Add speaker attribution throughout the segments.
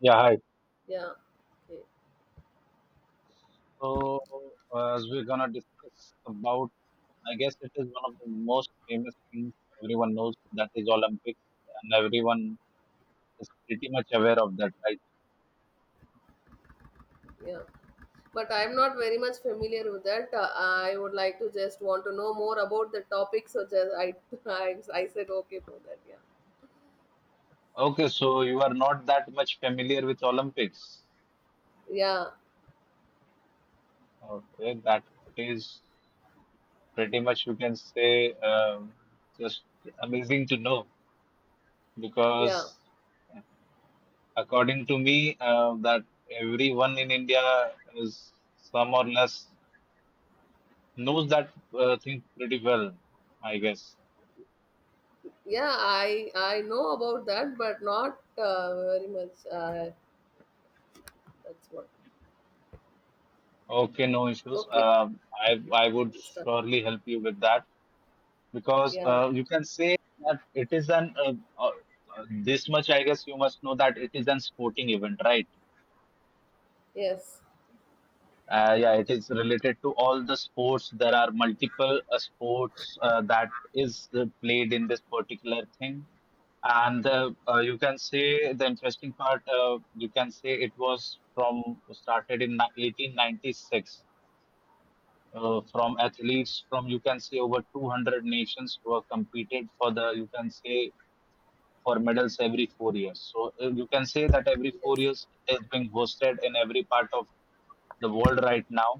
Speaker 1: Yeah, hi.
Speaker 2: Yeah. Okay.
Speaker 1: So, as we're gonna discuss about, I guess it is one of the most famous things everyone knows that is Olympics, and everyone is pretty much aware of that, right?
Speaker 2: Yeah. But I'm not very much familiar with that. I would like to just want to know more about the topic. So just I, I said okay for that. Yeah.
Speaker 1: Okay, so you are not that much familiar with Olympics.
Speaker 2: Yeah.
Speaker 1: Okay, that is pretty much you can say just amazing to know
Speaker 2: Yeah.
Speaker 1: because according to me, that everyone in India is some or less knows that thing pretty well, I guess.
Speaker 2: Yeah. I know about that, but not very much. That's what.
Speaker 1: Okay, no issues.
Speaker 2: Okay.
Speaker 1: I would
Speaker 2: Stuff.
Speaker 1: surely help you with that because
Speaker 2: Yeah.
Speaker 1: you can say that it is an this much I guess you must know that it is an sporting event, right?
Speaker 2: Yes.
Speaker 1: Yeah, it is related to all the sports. There are multiple sports that is played in this particular thing. And you can say the interesting part, you can say it was from started in 1896 from athletes from you can say over 200 nations were competed for the you can say for medals every 4 years. So you can say that every four
Speaker 2: Yes.
Speaker 1: years it is being hosted in every part of the world right now.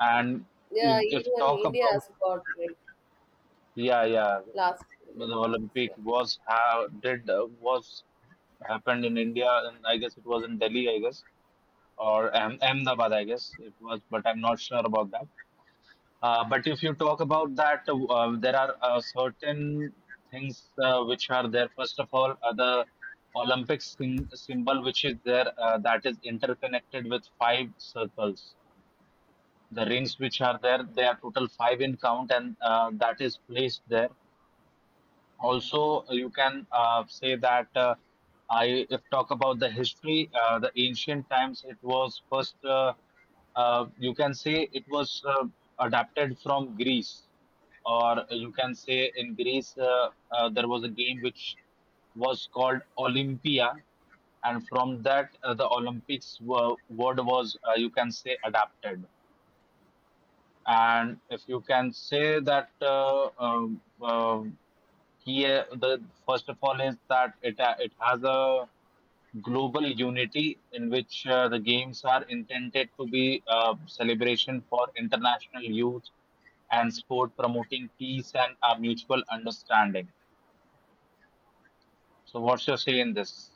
Speaker 1: And
Speaker 2: Yeah.
Speaker 1: if
Speaker 2: Even
Speaker 1: talk
Speaker 2: India
Speaker 1: about,
Speaker 2: has got great
Speaker 1: yeah, yeah,
Speaker 2: last. Million.
Speaker 1: the Olympic
Speaker 2: Yeah.
Speaker 1: was how did was happened in India, and I guess it was in Delhi I guess, or Ahmedabad I guess it was, but I'm not sure about that. But if you talk about that, there are certain things which are there. First of all, the Olympic symbol which is there, that is interconnected with five circles. The rings which are there, they are total five in count, and that is placed there. Also, you can say that, I if talk about the history, the ancient times, it was first, you can say it was adapted from Greece, or you can say in Greece, there was a game which was called Olympia, and from that, the Olympics word was, you can say, adapted. And if you can say that the first of all is that it has a global unity in which the games are intended to be a celebration for international youth and sport, promoting peace and mutual understanding. So, what's your say in this?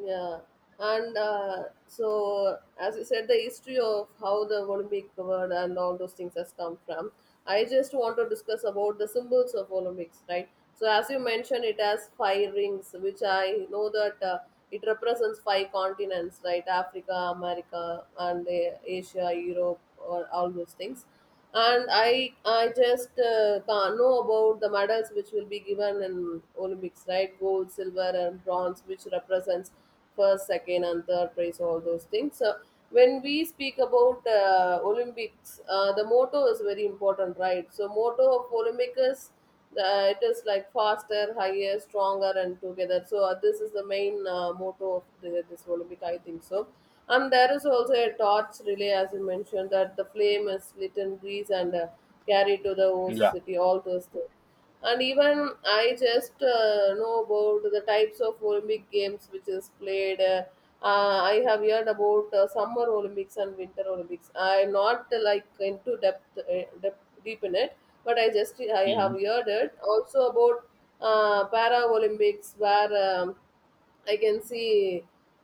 Speaker 2: Yeah, and so as you said, the history of how the Olympic word and all those things has come from. I just want to discuss about the symbols of Olympics, right? So as you mentioned, it has five rings, which I know that it represents five continents, right? Africa, America, and Asia, Europe, or all those things, and I just can't know about the medals which will be given in Olympics, right? Gold, silver, and bronze, which represents first, second, and third place, all those things. So when we speak about Olympics, the motto is very important, right? So motto of Olympic is it is like faster, higher, stronger, and together. So this is the main motto of the, this Olympic, I think so. And there is also a torch relay, as you mentioned, that the flame is lit in Greece and carried to the host
Speaker 1: Yeah.
Speaker 2: city, all those things. And even I just know about the types of Olympic games which is played, I have heard about summer Olympics and winter Olympics. I'm not like into depth, deep in it, but I just I have
Speaker 1: Mhm.
Speaker 2: heard it also about para Olympics, where um, I can see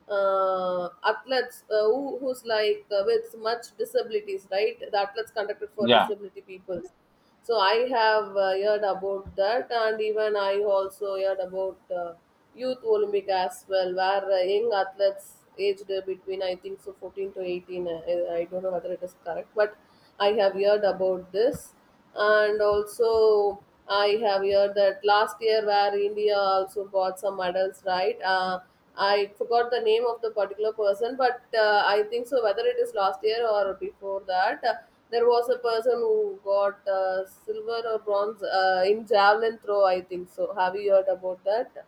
Speaker 2: athletes who's like with much disabilities, right? The athletes conducted for
Speaker 1: Yeah.
Speaker 2: disability people. So I have heard about that, and even I also heard about youth Olympic as well, where young athletes aged between, I think so, 14 to 18. I don't know whether it is correct, but I have heard about this. And also, I have heard that last year, where India also got some medals, right? I forgot the name of the particular person, but I think so, whether it is last year or before that, there was a person who got silver or bronze in javelin throw, I think so. Have you heard about that?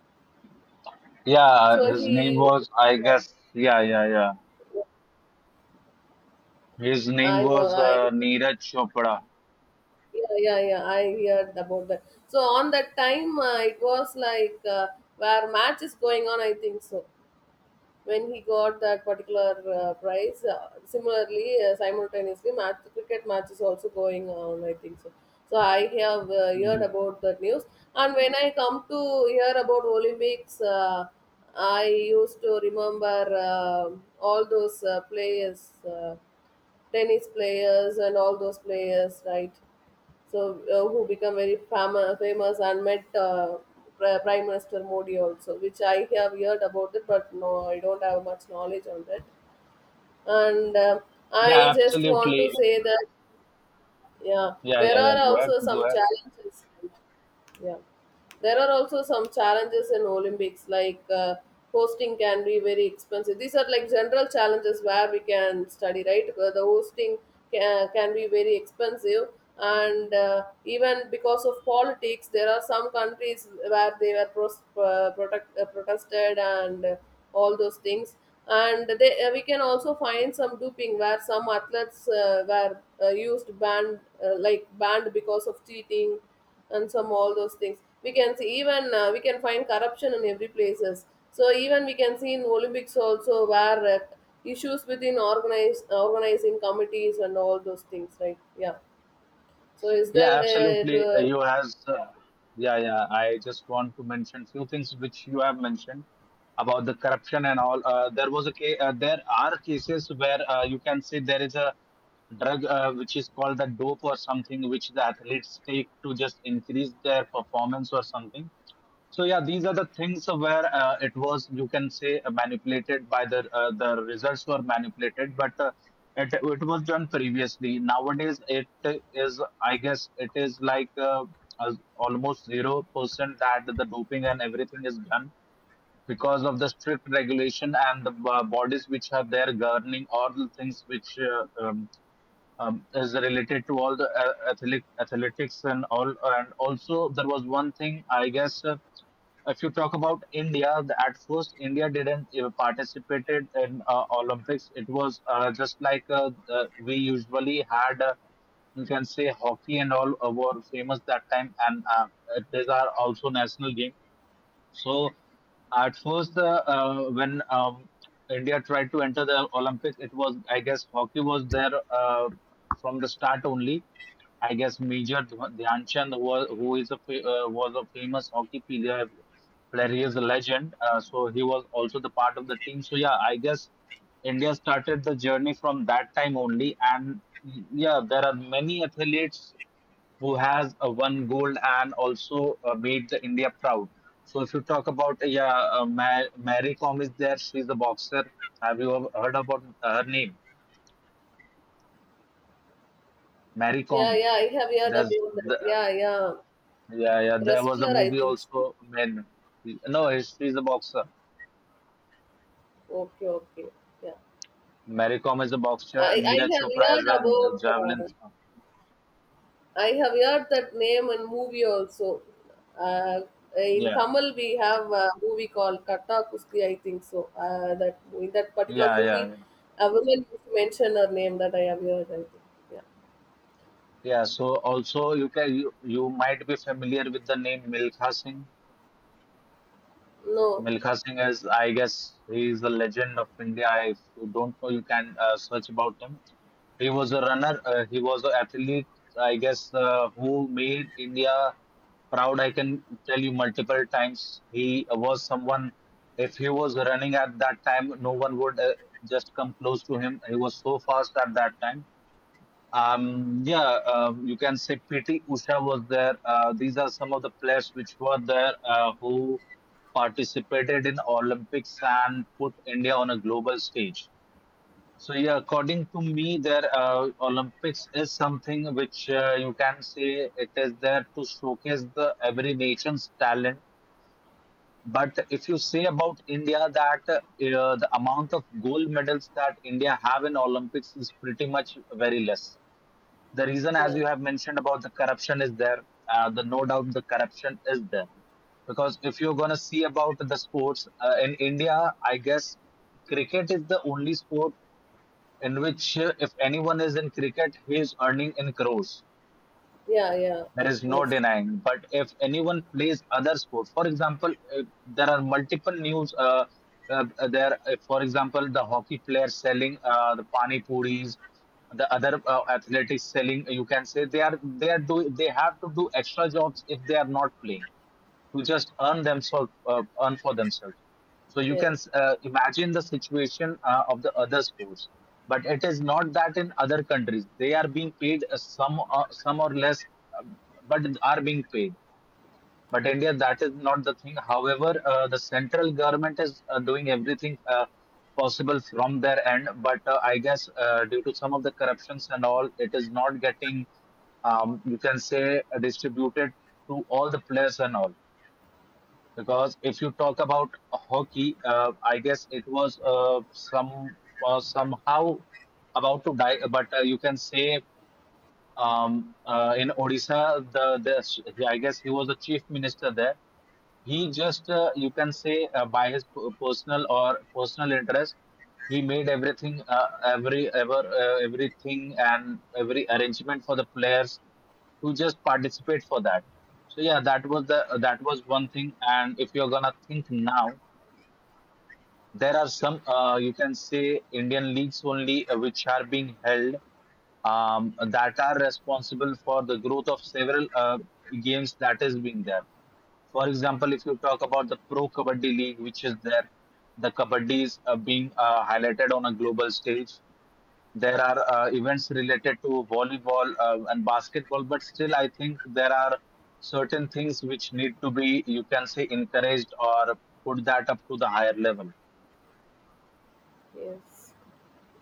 Speaker 1: Yeah.
Speaker 2: So
Speaker 1: His name
Speaker 2: he,
Speaker 1: was, I guess, yeah, yeah, yeah. His name
Speaker 2: i was
Speaker 1: was
Speaker 2: i
Speaker 1: Neeraj Chopra.
Speaker 2: Yeah, yeah, yeah. I heard about that. So on that time, it was like where match is going on, I think so. When he got that particular prize, similarly, simultaneously, match cricket match is also going on, I think so. So I have heard about that news. And when I come to hear about Olympics, I used to remember all those players. Tennis players and all those players, right? So who become very famous and met Prime Minister Modi also, which I have heard about it, but no, I don't have much knowledge on that. And
Speaker 1: Yeah,
Speaker 2: I just want to
Speaker 1: absolutely.
Speaker 2: say that yeah,
Speaker 1: Yeah,
Speaker 2: there
Speaker 1: yeah, yeah.
Speaker 2: are
Speaker 1: Go ahead,
Speaker 2: also
Speaker 1: go
Speaker 2: some
Speaker 1: ahead.
Speaker 2: challenges. Yeah. There are also some challenges in Olympics, like hosting can be very expensive. These are like general challenges where we can study, right? The hosting can be very expensive, and even because of politics, there are some countries where they were protested and all those things. And they, we can also find some doping where some athletes were used banned, banned because of cheating, and some all those things we can see. Even we can find corruption in every places, so even we can see in Olympics also, where issues within organized organizing committees and all those things, right? Yeah. So is there
Speaker 1: Yeah, absolutely. You has. Yeah, yeah. I just want to mention few things which you have mentioned about the corruption and all. There was a case. There are cases where you can say there is a drug which is called the dope or something, which the athletes take to just increase their performance or something. So yeah, these are the things where it was you can say manipulated by the results were manipulated, but it was done previously. Nowadays, it is I guess it is like almost 0% that the doping and everything is done because of the strict regulation and the bodies which are there governing all the things which is related to all the athletics and all. And also, there was one thing I guess. If you talk about India, at first India didn't participated in Olympics. It was just like we usually had, you can say hockey and all were famous that time, and these are also national games. So at first, when India tried to enter the Olympics, it was, I guess, hockey was there from the start only. I guess Major Dhyan Chand, who is a was a famous hockey player. He is a legend. So he was also the part of the team. So yeah, I guess India started the journey from that time only. And yeah, there are many athletes who has won gold and also made the India proud. So if you talk about, yeah, Mary Kom is there. She's a boxer. Have you ever heard about her name? Mary
Speaker 2: yeah,
Speaker 1: Kom.
Speaker 2: yeah, I have heard about
Speaker 1: There's
Speaker 2: that,
Speaker 1: the,
Speaker 2: yeah, yeah.
Speaker 1: yeah, yeah. There was a
Speaker 2: Wrestler, I
Speaker 1: movie
Speaker 2: think so.
Speaker 1: also. Men. No, she's a boxer.
Speaker 2: Okay, okay. Yeah.
Speaker 1: Mary Kom is a boxer.
Speaker 2: I I
Speaker 1: Neeraj
Speaker 2: have
Speaker 1: Chopra is
Speaker 2: heard
Speaker 1: a
Speaker 2: about
Speaker 1: javelin. throw.
Speaker 2: I have heard that name and movie also. Uh, in
Speaker 1: Yeah,
Speaker 2: Tamil, we have a movie called Katta Kusti, I think so. That In that particular
Speaker 1: yeah, yeah,
Speaker 2: movie,
Speaker 1: yeah.
Speaker 2: a woman used to mention her name that I have heard, I think. Yeah.
Speaker 1: Yeah, so also you might be familiar with the name Milkha Singh.
Speaker 2: No.
Speaker 1: Milkha Singh is, I guess, he is a legend of India. If you don't know, you can search about him. He was a runner. He was an athlete, I guess, who made India proud. I can tell you multiple times. He was someone. If he was running at that time, no one would just come close to him. He was so fast at that time. Yeah, you can say PT Usha was there. These are some of the players which were there who participated in Olympics and put India on a global stage. So yeah, according to me, there Olympics is something which, you can say, it is there to showcase the every nation's talent. But if you say about India that the amount of gold medals that India have in Olympics is pretty much very less, the reason as
Speaker 2: Yeah.
Speaker 1: you have mentioned about the corruption is there. The No doubt the corruption is there, because if you're going to see about the sports in India, I guess cricket is the only sport in which, if anyone is in cricket, he is earning in crores.
Speaker 2: Yeah. Yeah.
Speaker 1: There
Speaker 2: Of
Speaker 1: is no
Speaker 2: course.
Speaker 1: denying. But if anyone plays other sport, for example, if there are multiple news. If, for example, the hockey player selling the pani puris, the other athletics selling. You can say they have to do extra jobs if they are not playing to just earn themselves, earn for themselves. So you
Speaker 2: Yes.
Speaker 1: can imagine the situation of the other sports. But it is not that in other countries they are being paid, some or less, uh, but are being paid. But India, that is not the thing. However, the central government is doing everything possible from their end, but I guess due to some of the corruptions and all it is not getting, you can say, distributed to all the players and all. Because if you talk about hockey, I guess it was some was somehow about to die, but you can say, in Odisha, the I guess he was the chief minister there. He just, you can say, by his personal or personal interest, he made everything, everything and every arrangement for the players to just participate for that. So yeah, that was one thing. And if you're gonna think now, there are some, you can say, Indian leagues only which are being held, that are responsible for the growth of several games that is being there. For example, if you talk about the Pro Kabaddi League, which is there, the Kabaddi is being highlighted on a global stage. There are events related to volleyball and basketball, but still, I think there are certain things which need to be, you can say, encouraged or put that up to the higher level.
Speaker 2: Yes.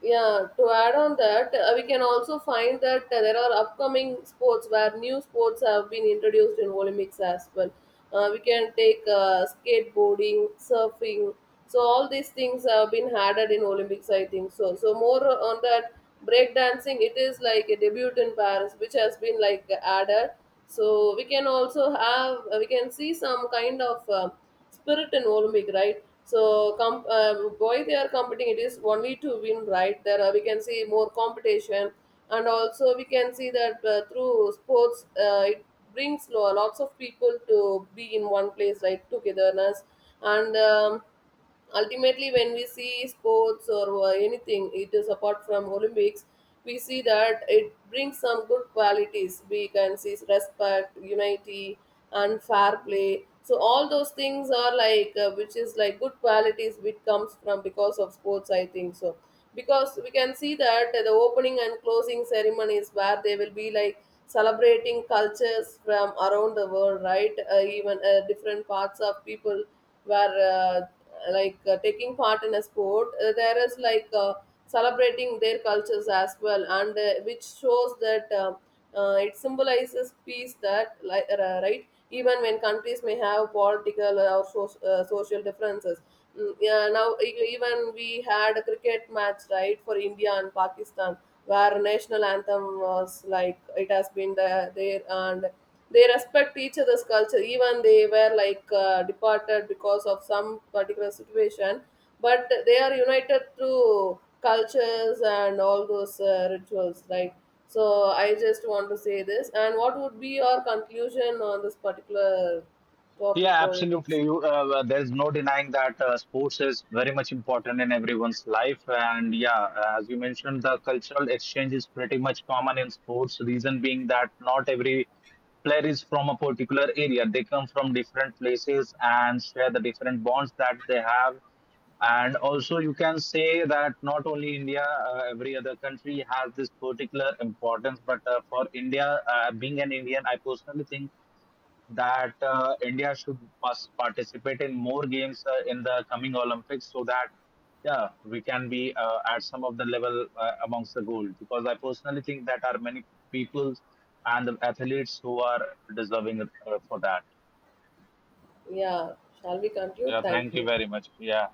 Speaker 2: Yeah, to add on that, we can also find that there are upcoming sports where new sports have been introduced in Olympics as well. We can take skateboarding, surfing. So all these things have been added in Olympics, I think so. So more on that, breakdancing, it is like a debut in Paris, which has been like added. So we can also have, we can see some kind of Spirit and Olympic, right? Why they are competing? It is only to win, right? There are, we can see more competition, and also we can see that through sports, it brings lots of people to be in one place, right? Togetherness. And ultimately, when we see sports or anything, it is apart from Olympics, we see that it brings some good qualities. We can see respect, unity, and fair play. So all those things are like which is like good qualities which comes from because of sports, I think so. Because we can see that the opening and closing ceremonies where they will be like celebrating cultures from around the world, right? Even different parts of people where taking part in a sport, there is like celebrating their cultures as well, and which shows that it symbolizes peace, that right, even when countries may have political or so, social differences. Mm, yeah, now even we had a cricket match, right, for India and Pakistan, where national anthem was like it has been there, and they respect each other's culture, even they were like departed because of some particular situation. But they are united through cultures and all those rituals, right? So I just want to say this. And what would be your conclusion on this particular topic,
Speaker 1: Yeah,
Speaker 2: Olympics?
Speaker 1: absolutely. You, well, there's no denying that sports is very much important in everyone's life. And yeah, as you mentioned, the cultural exchange is pretty much common in sports. Reason being that not every player is from a particular area. They come from different places and share the different bonds that they have. And also, you can say that not only India, every other country has this particular importance. But for India, being an Indian, I personally think that India should participate in more games in the coming Olympics, so that yeah we can be at some of the level amongst the gold, because I personally think that are many people and the athletes who are deserving for that.
Speaker 2: Yeah, shall we conclude?
Speaker 1: Yeah,
Speaker 2: Thank
Speaker 1: thank you
Speaker 2: you.
Speaker 1: very much. Yeah.